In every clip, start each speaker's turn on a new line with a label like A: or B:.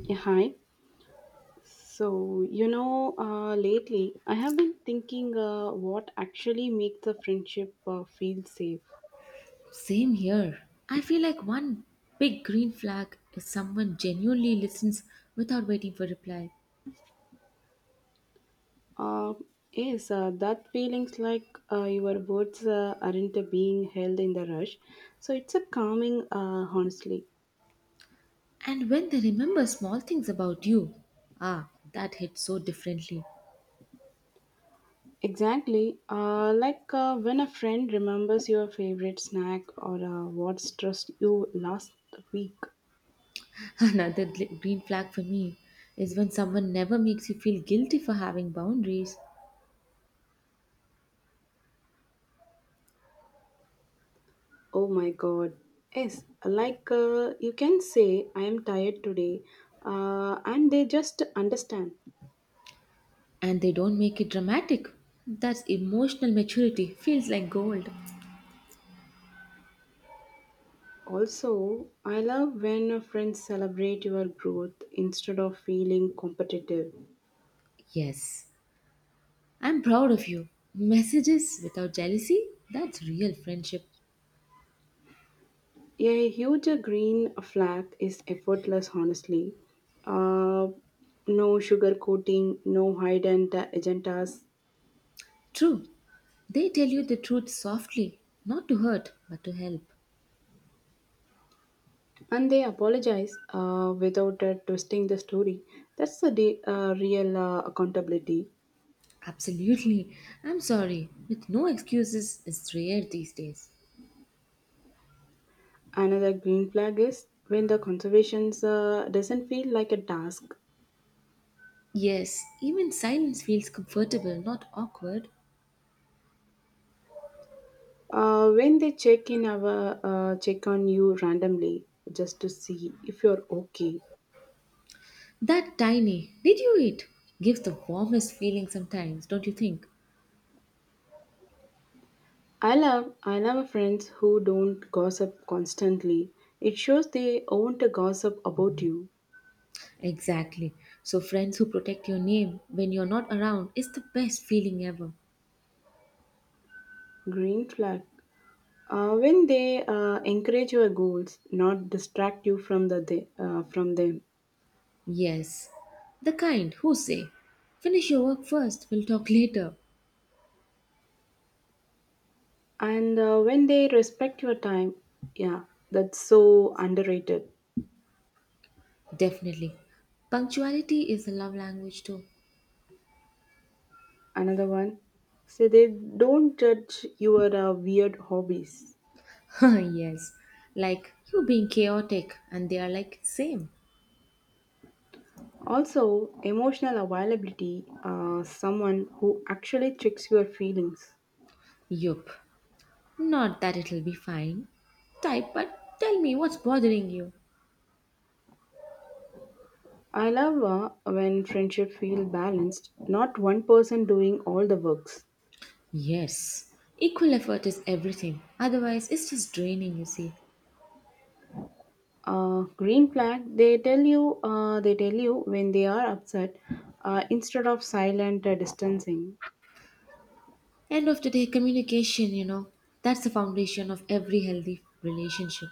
A: Yeah, hi. So, lately I have been thinking what actually makes a friendship feel safe.
B: Same here. I feel like one big green flag is someone genuinely listens without waiting for reply.
A: Uh, is That feelings like your words aren't being held in the rush. So it's a calming, honestly.
B: And when they remember small things about you, that hits so differently.
A: Exactly. Like when a friend remembers your favorite snack or what stressed you last week.
B: Another green flag for me is when someone never makes you feel guilty for having boundaries
A: Oh my god. Yes, like you can say, I am tired today, and they just understand.
B: and they don't make it dramatic. That's emotional maturity, feels like gold.
A: Also, I love when friends celebrate your growth instead of feeling competitive.
B: Yes, I'm proud of you. Messages without jealousy, that's real friendship.
A: A huge green flag is effortless, honestly. Uh, no sugar coating, no hide and agendas,
B: True, they tell you the truth softly, not to hurt, but to help.
A: and they apologize without twisting the story. That's the real accountability.
B: Absolutely. I'm sorry, with no excuses is rare these days.
A: Another green flag is when the conservation doesn't feel like a task.
B: Yes, even silence feels comfortable, not awkward.
A: When they check in our check on you randomly just to see if you're okay.
B: That tiny, did you eat? Gives the warmest feeling sometimes, don't you think?
A: I love friends who don't gossip constantly. It shows they want to gossip about you.
B: Exactly. So, friends who protect your name when you're not around is the best feeling ever.
A: Green flag. When they encourage your goals, not distract you from from them,
B: Yes. The kind who say, finish your work first, we'll talk later.
A: and when they respect your time, yeah, that's so underrated.
B: Definitely. Punctuality is a love language too.
A: Another one say they don't judge your weird hobbies.
B: Yes. Like you being chaotic and they are like same.
A: Also emotional availability, someone who actually checks your feelings.
B: Yup. Not that it'll be fine. Type but tell me what's bothering you.
A: I love when friendship feel balanced, not one person doing all the works.
B: Yes. Equal effort is everything. Otherwise it's just draining, you see.
A: Green flag, they tell you when they are upset instead of silent distancing.
B: End of the day communication, you know. That's the foundation of every healthy relationship.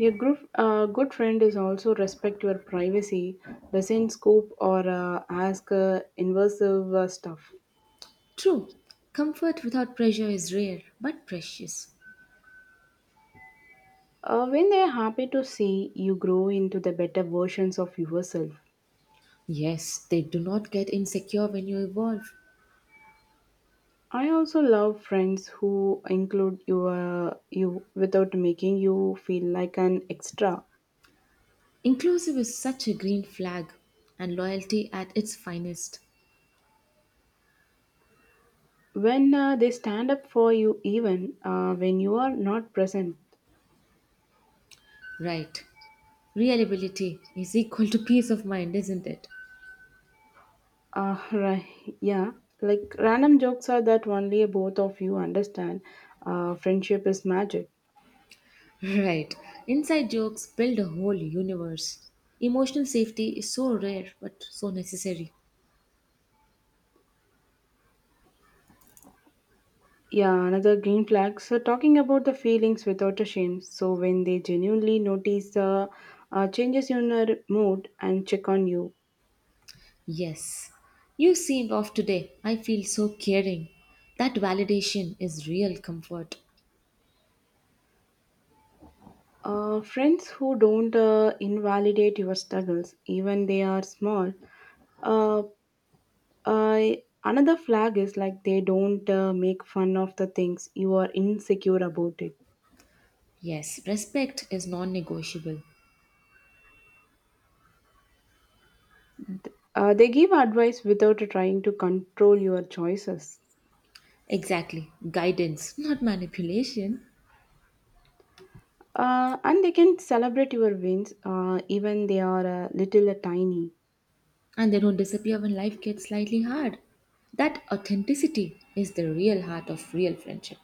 A: A good, good friend is also respect your privacy, doesn't scoop or ask invasive stuff.
B: True. Comfort without pressure is rare but precious.
A: When they are happy to see you grow into the better versions of yourself.
B: Yes, they do not get insecure when you evolve.
A: I also love friends who include you, you without making you feel like an extra.
B: Inclusive is such a green flag and loyalty at its finest.
A: When they stand up for you, even when you are not present.
B: Right. Reliability is equal to peace of mind, isn't it?
A: Right. Yeah. Like random jokes are that only both of you understand. Friendship is magic.
B: Right. Inside jokes build a whole universe. Emotional safety is so rare but so necessary.
A: Yeah, another green flag. So talking about the feelings without a shame. So when they genuinely notice the changes in your mood and check on you.
B: Yes. You seemed off today. I feel so caring. That validation is real comfort.
A: Friends who don't invalidate your struggles, even they are small. Uh, I another flag is like they don't make fun of the things you are insecure about it.
B: Yes, respect is non negotiable.
A: They give advice without trying to control your choices.
B: Exactly. Guidance, not manipulation.
A: And they can celebrate your wins, even they are a little tiny.
B: And they don't disappear when life gets slightly hard. That authenticity is the real heart of real friendship.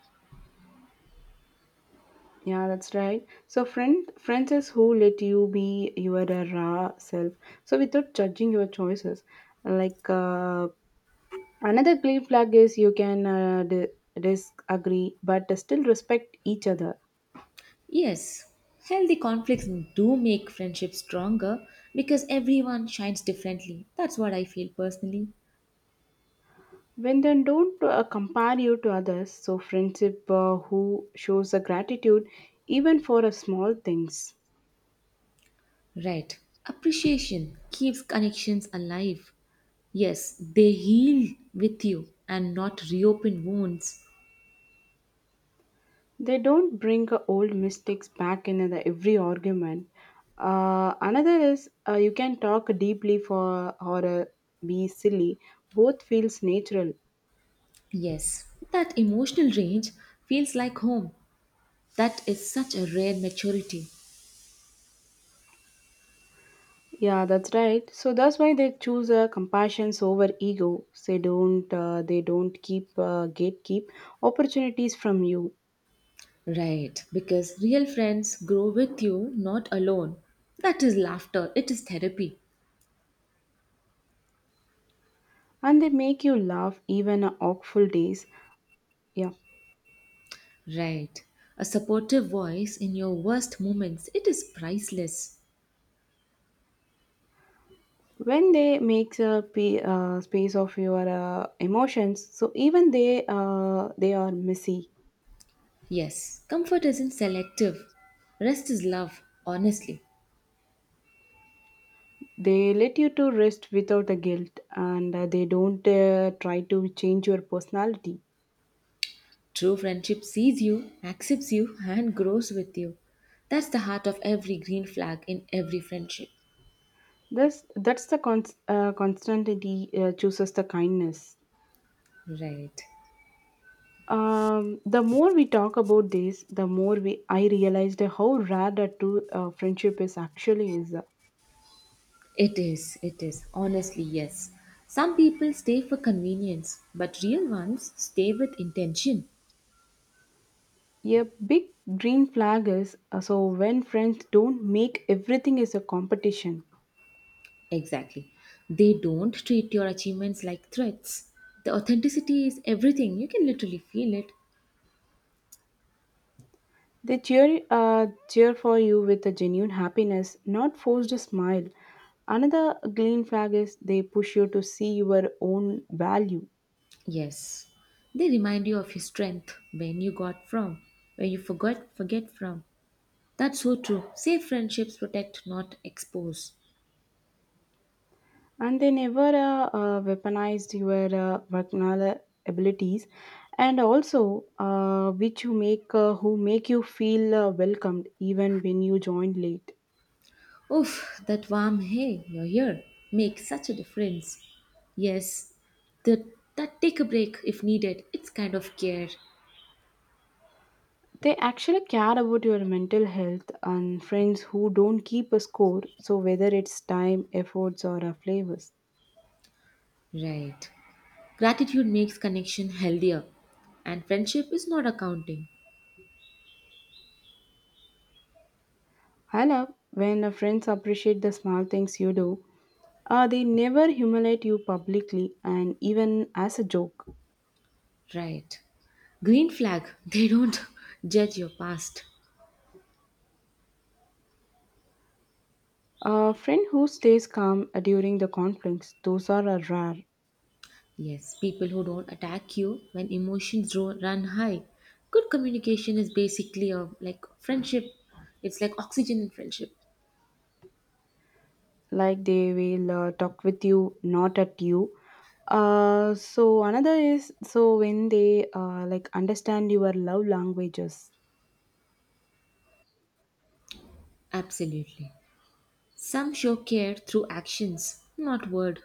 A: Yeah, that's right. So friends is who let you be your raw self. So without judging your choices, like uh, another green flag is you can disagree but still respect each other.
B: Yes, healthy conflicts do make friendship stronger because everyone shines differently. That's what I feel personally.
A: When then don't compare you to others. So friendship who shows a gratitude even for a small things.
B: Right. Appreciation keeps connections alive. Yes, they heal with you and not reopen wounds.
A: They don't bring old mistakes back in the every argument. Another is you can talk deeply for or be silly. Both feels natural.
B: Yes, that emotional range feels like home. That is such a rare maturity.
A: Yeah, that's right. So that's why they choose compassion over ego. They don't. They don't keep gatekeep opportunities from you.
B: Right, because real friends grow with you, not alone. That is laughter, it is therapy.
A: And they make you laugh even on awful days. Yeah,
B: Right, a supportive voice in your worst moments, it is priceless.
A: when they make a space of your emotions, so even they are messy.
B: Yes, comfort isn't selective. Rest is love, honestly.
A: They let you to rest without a guilt, and they don't try to change your personality.
B: True friendship sees you, accepts you, and grows with you. That's the heart of every green flag in every friendship.
A: This that's the constantly chooses the kindness.
B: Right.
A: The more we talk about this, the more we I realized how rare that true friendship is actually is.
B: It is, it is. Honestly, yes. Some people stay for convenience, but real ones stay with intention.
A: A big green flag is so when friends don't make everything is a competition.
B: Exactly. They don't treat your achievements like threats. The authenticity is everything. You can literally feel it.
A: They cheer for you with a genuine happiness, not forced a smile. Another green flag is they push you to see your own value,
B: Yes. They remind you of your strength, when you got from, where you forgot forget from. That's so true. Safe friendships protect, not expose.
A: and they never weaponized your vocational abilities, and also which you make who make you feel welcomed even when you join late.
B: Oof, that warm hey, you're here makes such a difference. Yes, the, that take a break if needed, it's kind of care.
A: They actually care about your mental health and friends who don't keep a score, so whether it's time, efforts, or flavors.
B: Right. Gratitude makes connection healthier, and friendship is not accounting.
A: I love when friends appreciate the small things you do. They never humiliate you publicly and even as a joke.
B: Right. Green flag, they don't judge your past.
A: A friend who stays calm during the conflicts, those are rare.
B: Yes, people who don't attack you when emotions run high. Good communication is basically a like friendship. It's like oxygen in friendship.
A: Like they will talk with you, not at you. So another is so when they like understand your love languages.
B: Absolutely. Some show care through actions, not word.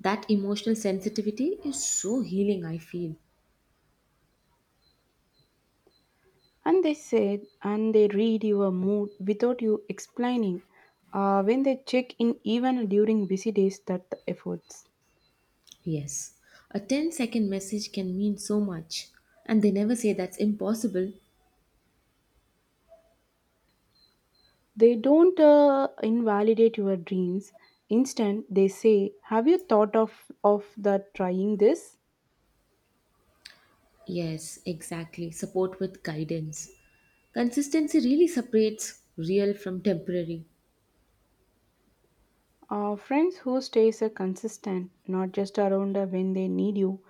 B: That emotional sensitivity is so healing, I feel.
A: And they said, and they read your mood without you explaining. When they check in, even during busy days, that the efforts.
B: Yes, a ten-second message can mean so much. And they never say that's impossible.
A: They don't invalidate your dreams. Instead, they say, "Have you thought of the trying this?"
B: Yes, exactly. Support with guidance. Consistency really separates real from temporary.
A: Friends who stays are consistent, not just around when they need you.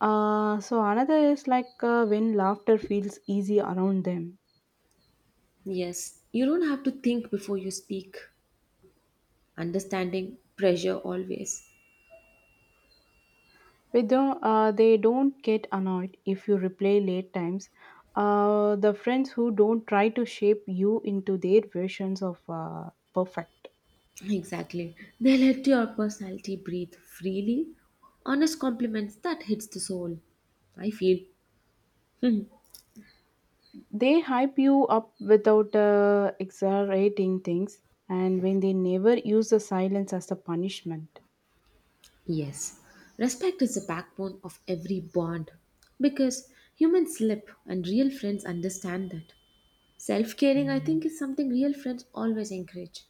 A: So another is like when laughter feels easy around them.
B: Yes, you don't have to think before you speak. Understanding, pressure always.
A: With them, they don't get annoyed if you replay late times. The friends who don't try to shape you into their versions of perfect.
B: Exactly. They let your personality breathe freely. Honest compliments that hits the soul. I feel.
A: They hype you up without exaggerating things, and when they never use the silence as a punishment,
B: Yes. Respect is the backbone of every bond because humans slip and real friends understand that. Self caring, I think, is something real friends always encourage.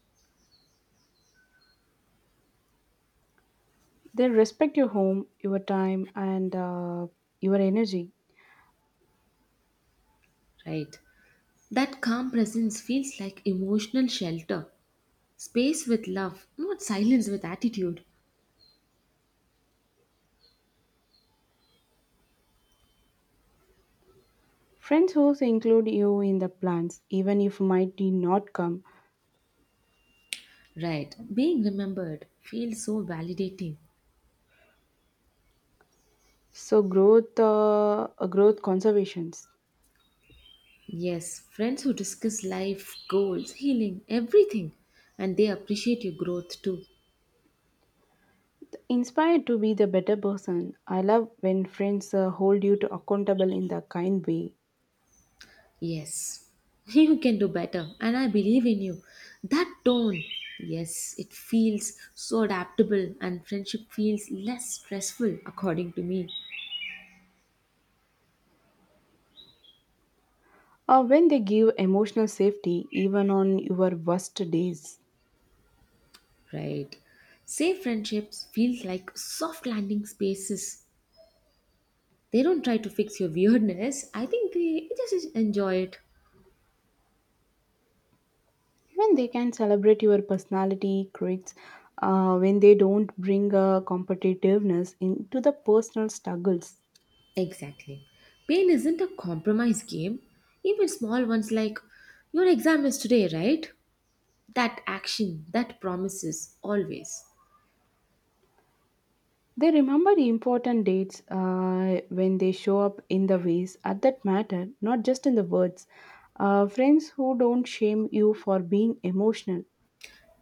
A: they respect your home, your time, and your energy.
B: Right. That calm presence feels like emotional shelter. Space with love, not silence with attitude.
A: Friends who include you in the plans, even if might not come.
B: Right. Being remembered feels so validating.
A: So growth conservations.
B: Yes, friends who discuss life, goals, healing, everything, and they appreciate your growth too.
A: Inspired to be the better person, I love when friends hold you to accountable in the kind way,
B: Yes, you can do better, and I believe in you. That tone, yes, it feels so adaptable, and friendship feels less stressful, according to me.
A: or when they give emotional safety even on your worst days.
B: Right. Safe friendships feel like soft landing spaces. They don't try to fix your weirdness. I think they just enjoy it.
A: When they can celebrate your personality quirks, when they don't bring competitiveness into the personal struggles.
B: Exactly. Pain isn't a compromise game. Even small ones like your exam is today, right? That action, that promises, always.
A: They remember the important dates when they show up in the ways at that matter, not just in the words. Friends who don't shame you for being emotional.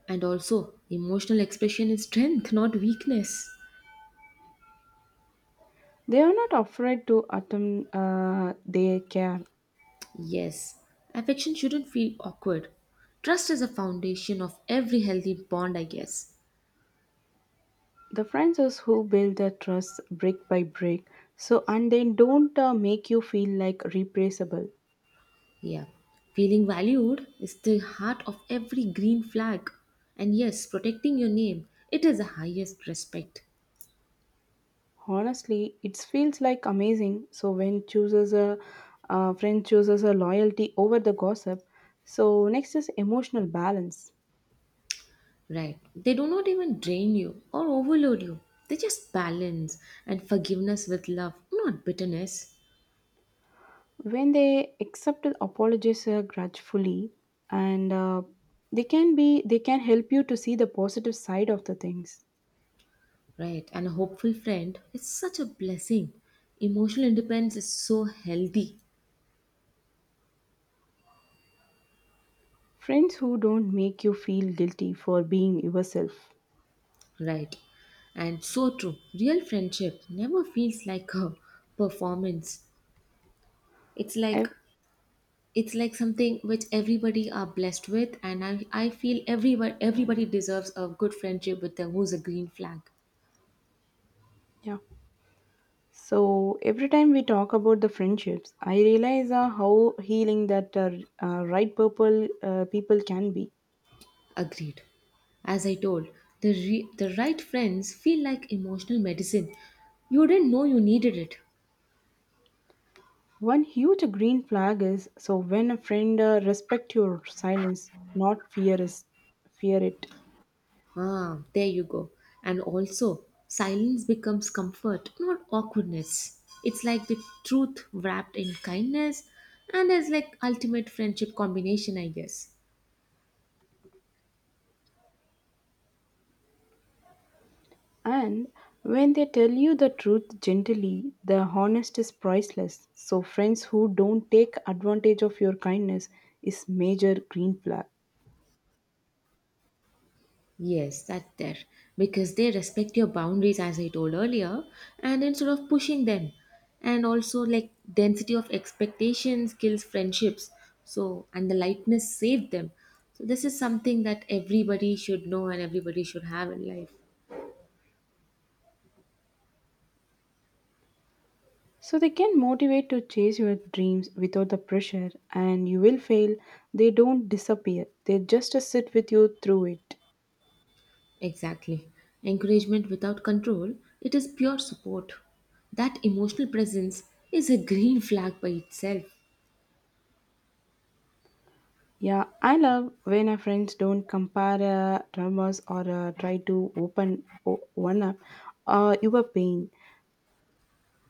B: And also, emotional expression is strength, not weakness.
A: They are not afraid to attempt their care.
B: Yes, affection shouldn't feel awkward. Trust is a foundation of every healthy bond, I guess.
A: The friends is who build the trust brick by brick. So and they don't make you feel like replaceable.
B: Yeah, feeling valued is the heart of every green flag. And yes, protecting your name, it is the highest respect.
A: Honestly, it feels like amazing. So when chooses a friend chooses a loyalty over the gossip. So next is emotional balance.
B: Right. They do not even drain you or overload you. They just balance and forgiveness with love, not bitterness.
A: When they accept apologies grudgefully, and they can help you to see the positive side of the things.
B: Right. And a hopeful friend is such a blessing. Emotional independence is so healthy.
A: Friends who don't make you feel guilty for being yourself.
B: Right. And so true. Real friendship never feels like a performance. It's like
A: Ev-
B: it's like something which everybody are blessed with, and I feel everybody deserves a good friendship with them who's a green flag.
A: yeah. So every time we talk about the friendships, I realize how healing that right purple people can be.
B: Agreed. As I told, the right friends feel like emotional medicine. You didn't know you needed it.
A: One huge green flag is so when a friend respect your silence, not fear it,
B: Ah, there you go. And also, silence becomes comfort, not awkwardness. It's like the truth wrapped in kindness, and it's like ultimate friendship combination, I guess.
A: and when they tell you the truth gently, the honest is priceless. So friends who don't take advantage of your kindness is major green flag.
B: Yes, that's there. Because they respect your boundaries, as I told earlier, and instead of pushing them. And also, like, density of expectations kills friendships. So, and the lightness saved them. So, this is something that everybody should know and everybody should have in life.
A: So they can motivate to chase your dreams without the pressure and you will fail. They don't disappear. They just sit with you through it.
B: Exactly. Encouragement without control, it is pure support. That emotional presence is a green flag by itself.
A: Yeah, I love when our friends don't compare dramas or try to open one up your pain.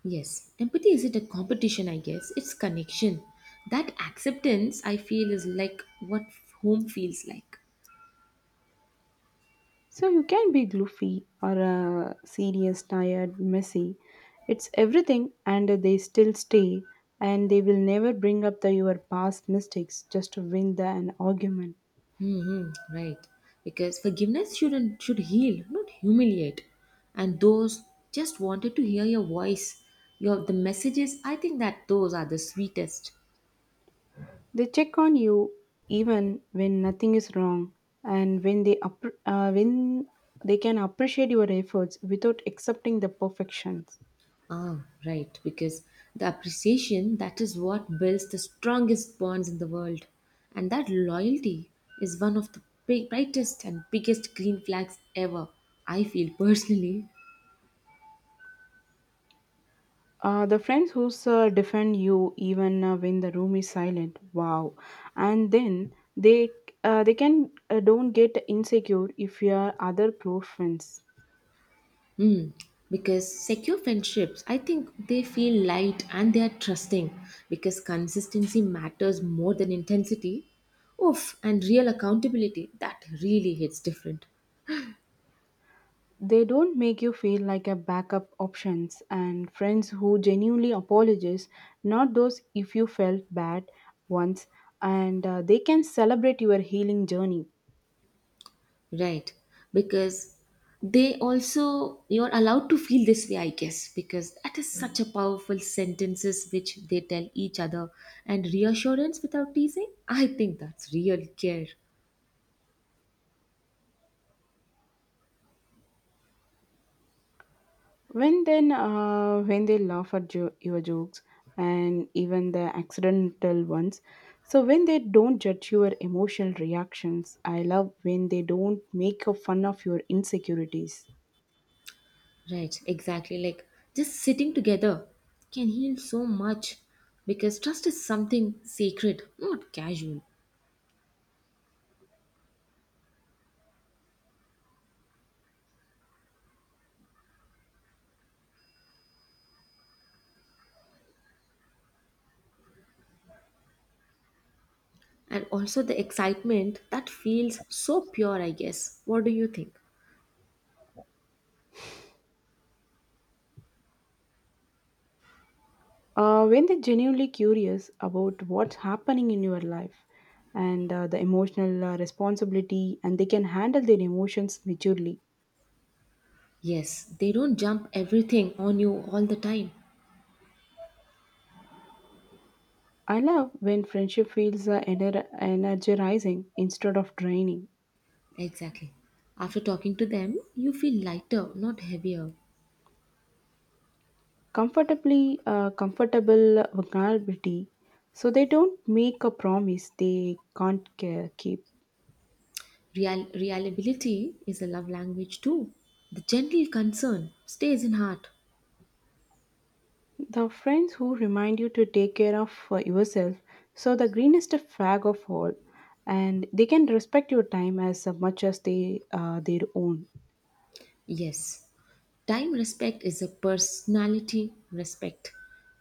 B: Yes, empathy isn't a competition, I guess, it's connection. That acceptance, I feel, is like what home feels like.
A: So you can be goofy or serious, tired, messy. It's everything and they still stay and they will never bring up your past mistakes just to win an argument.
B: Hmm, right. Because forgiveness shouldn't should heal, not humiliate. And those just wanted to hear your voice, your the messages. I think that those are the sweetest.
A: They check on you even when nothing is wrong and when they can appreciate your efforts without accepting the perfections.
B: Ah, right, because the appreciation that is what builds the strongest bonds in the world. And that loyalty is one of the big, brightest and biggest green flags ever, I feel personally.
A: The friends who defend you even when the room is silent. Wow, and then they can don't get insecure if you are other close friends.
B: Because secure friendships, I think they feel light and they are trusting because consistency matters more than intensity. Oof, and real accountability, that really hits different.
A: They don't make you feel like a backup options and friends who genuinely apologize, not those if you felt bad once and they can celebrate your healing journey.
B: Right. Because they also you're allowed to feel this way, I guess, because that is such a powerful sentences which they tell each other and reassurance without teasing. I think that's real care.
A: When they laugh at your jokes and even the accidental ones. So when they don't judge your emotional reactions, I love when they don't make a fun of your insecurities.
B: Right, exactly. Like just sitting together can heal so much because trust is something sacred, not casual. And also the excitement that feels so pure, I guess. What do you think?
A: When they're genuinely curious about what's happening in your life and the emotional responsibility and they can handle their emotions maturely.
B: Yes, they don't jump everything on you all the time.
A: I love when friendship feels energizing instead of draining.
B: Exactly. After talking to them, you feel lighter, not heavier.
A: Comfortably Comfortable vulnerability, so they don't make a promise they can't keep.
B: Reliability is a love language too. The gentle concern stays in heart.
A: The friends who remind you to take care of yourself. So, the greenest flag of all, and they can respect your time as much as they their own.
B: Yes, time respect is a personality respect.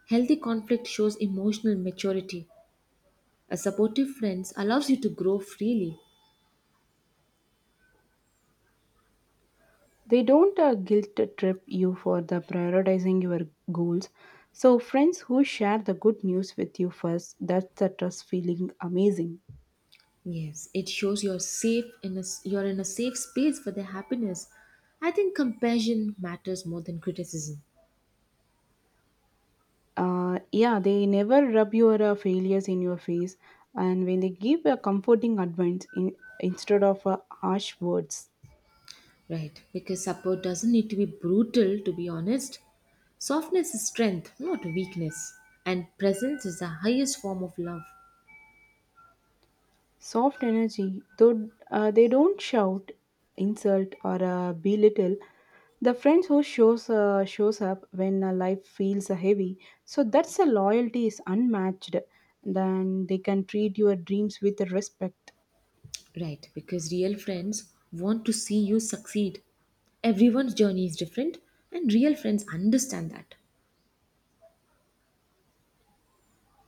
B: Healthy conflict shows emotional maturity. A supportive friend allows you to grow freely.
A: They don't guilt trip you for the prioritizing your goals. So, friends who share the good news with you first, that's the trust feeling amazing.
B: Yes, it shows you're safe you're in a safe space for their happiness. I think compassion matters more than criticism.
A: Yeah, they never rub your failures in your face, and when they give a comforting advice instead of harsh words.
B: Right, because support doesn't need to be brutal, to be honest. Softness is strength, not weakness. And presence is the highest form of love.
A: Soft energy, though they don't shout, insult, or belittle the friends who shows up when life feels heavy. So that's a loyalty is unmatched. Then they can treat your dreams with respect.
B: Right, because real friends want to see you succeed. Everyone's journey is different, and real friends understand that.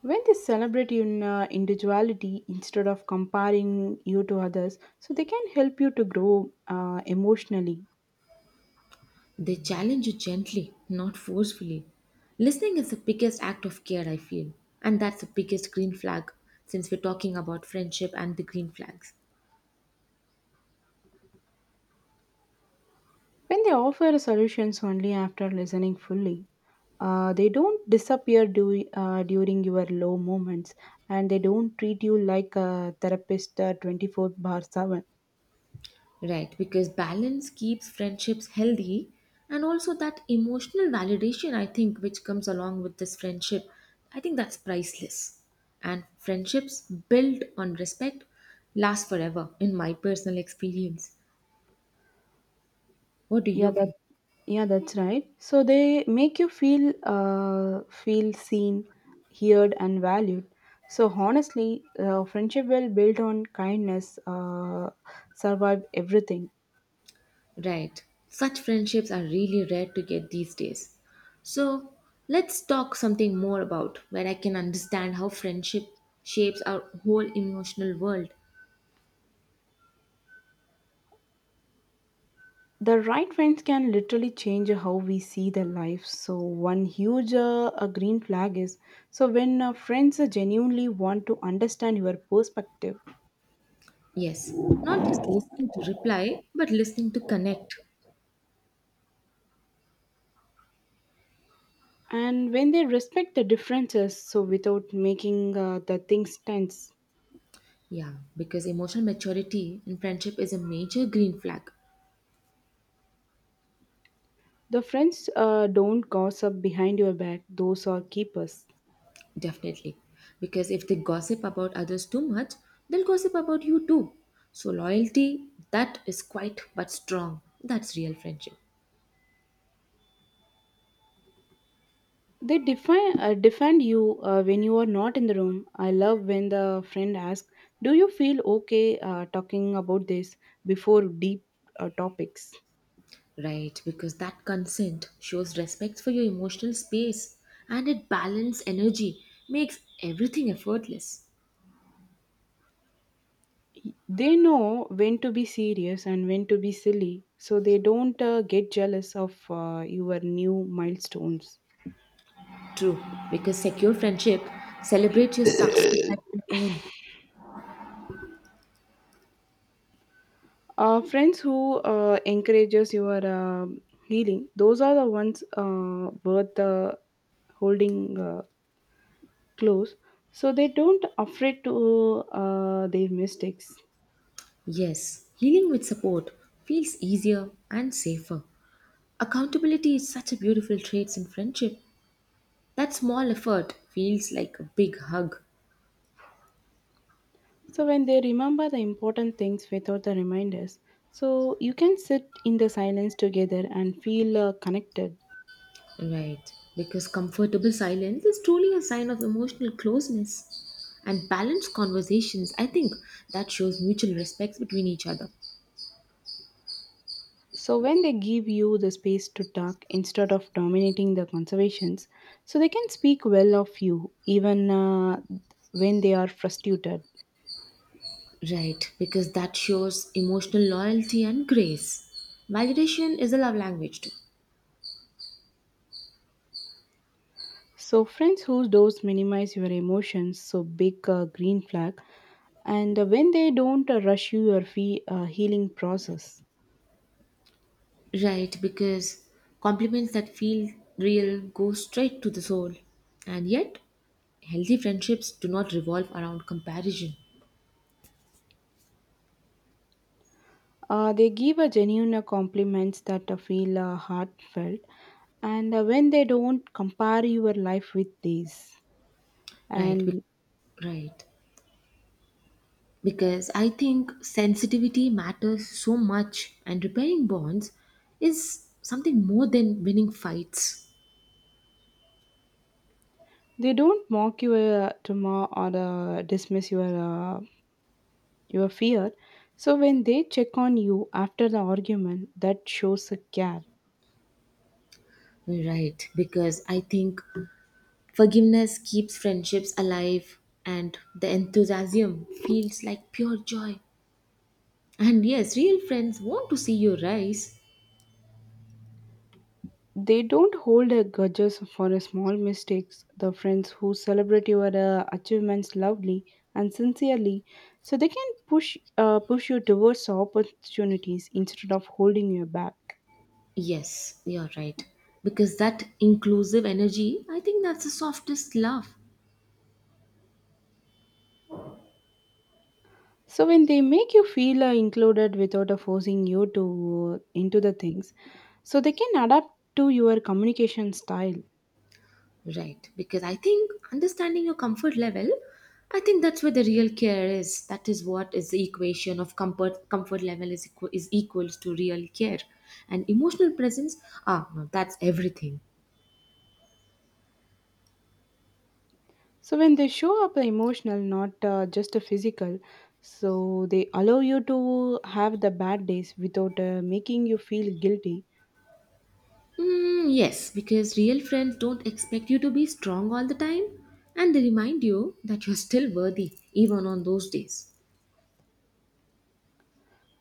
A: When they celebrate your individuality instead of comparing you to others, so they can help you to grow emotionally.
B: They challenge you gently, not forcefully. Listening is the biggest act of care, I feel. And that's the biggest green flag, since we're talking about friendship and the green flags.
A: When they offer solutions only after listening fully, they don't disappear during your low moments and they don't treat you like a therapist 24/7.
B: Right, because balance keeps friendships healthy and also that emotional validation I think which comes along with this friendship, I think that's priceless. And friendships built on respect last forever in my personal experience. What do
A: Yeah,
B: you
A: that
B: feel?
A: yeah, that's right. So they make you feel feel seen, heard, and valued. So honestly, friendship will build on kindness, survive everything.
B: Right. Such friendships are really rare to get these days. So let's talk something more about where I can understand how friendship shapes our whole emotional world.
A: The right friends can literally change how we see the life, so one huge a green flag is so when friends genuinely want to understand your perspective,
B: Yes, not just listening to reply, but listening to connect.
A: and when they respect the differences so without making the things tense.
B: Yeah, because emotional maturity in friendship is a major green flag,
A: The friends don't gossip behind your back, those are keepers.
B: definitely. Because if they gossip about others too much, they'll gossip about you too. So, loyalty, that is quite but strong. That's real friendship.
A: They define defend you when you are not in the room. I love when the friend asks, "Do you feel okay talking about this?" before deep topics.
B: Right, because that consent shows respect for your emotional space and it balances energy, makes everything effortless.
A: They know when to be serious and when to be silly, so they don't get jealous of your new milestones.
B: True, because secure friendship celebrates your success as your own.
A: Friends who encourages your healing, those are the ones worth holding close, so they don't afraid to their mistakes.
B: Yes, healing with support feels easier and safer. Accountability is such a beautiful trait in friendship. That small effort feels like a big hug.
A: So when they remember the important things without the reminders, so you can sit in the silence together and feel connected,
B: Right, because comfortable silence is truly a sign of emotional closeness. And balanced conversations, I think that shows mutual respect between each other.
A: so when they give you the space to talk instead of dominating the conversations. So they can speak well of you even when they are frustrated.
B: Right, because that shows emotional loyalty and grace. Validation is a love language too.
A: So friends whose doors minimize your emotions, so big green flag. And when they don't rush your healing process.
B: Right, because compliments that feel real go straight to the soul. And yet, healthy friendships do not revolve around comparison.
A: They give a genuine compliments that feel heartfelt, and when they don't compare your life with these.
B: Right,
A: And
B: right. Because I think sensitivity matters so much, and repairing bonds is something more than winning fights.
A: they don't mock your tomorrow or dismiss your fear. So when they check on you after the argument, that shows a care.
B: Right, because I think forgiveness keeps friendships alive, and the enthusiasm feels like pure joy. And yes, real friends want to see you rise.
A: They don't hold a grudges for a small mistakes. The friends who celebrate your achievements loudly and sincerely, so they can push you towards opportunities instead of holding you back.
B: Yes, you're right. Because that inclusive energy, I think that's the softest love.
A: So when they make you feel included without forcing you to into the things, so they can adapt to your communication style.
B: Right. Because I think understanding your comfort level, I think that's where the real care is. That is what is the equation of comfort level is equals to real care. And emotional presence, no, that's everything.
A: So when they show up emotional, not just a physical, so they allow you to have the bad days without making you feel guilty.
B: Mm, yes, because real friends don't expect you to be strong all the time and they remind you that you're still worthy even on those days.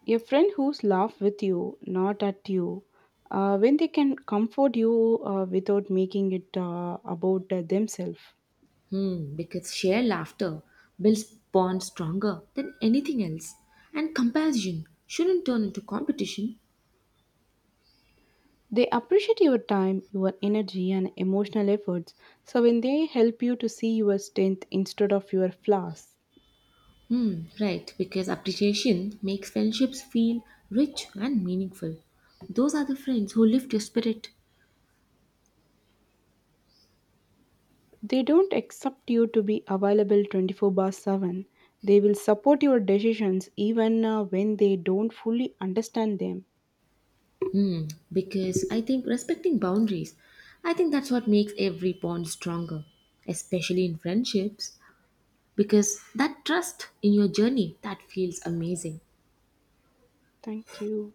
A: A friend who's laugh with you, not at you, when they can comfort you without making it about themselves.
B: Hmm, because shared laughter builds bonds stronger than anything else and comparison shouldn't turn into competition.
A: They appreciate your time, your energy, and emotional efforts. So when they help you to see your strength instead of your flaws.
B: Hmm, right, because appreciation makes friendships feel rich and meaningful. Those are the friends who lift your spirit
A: They don't accept you to be available 24/7. They will support your decisions even when they don't fully understand them.
B: because I think respecting boundaries, I think that's what makes every bond stronger, especially in friendships, because that trust in your journey that feels amazing.
A: Thank you.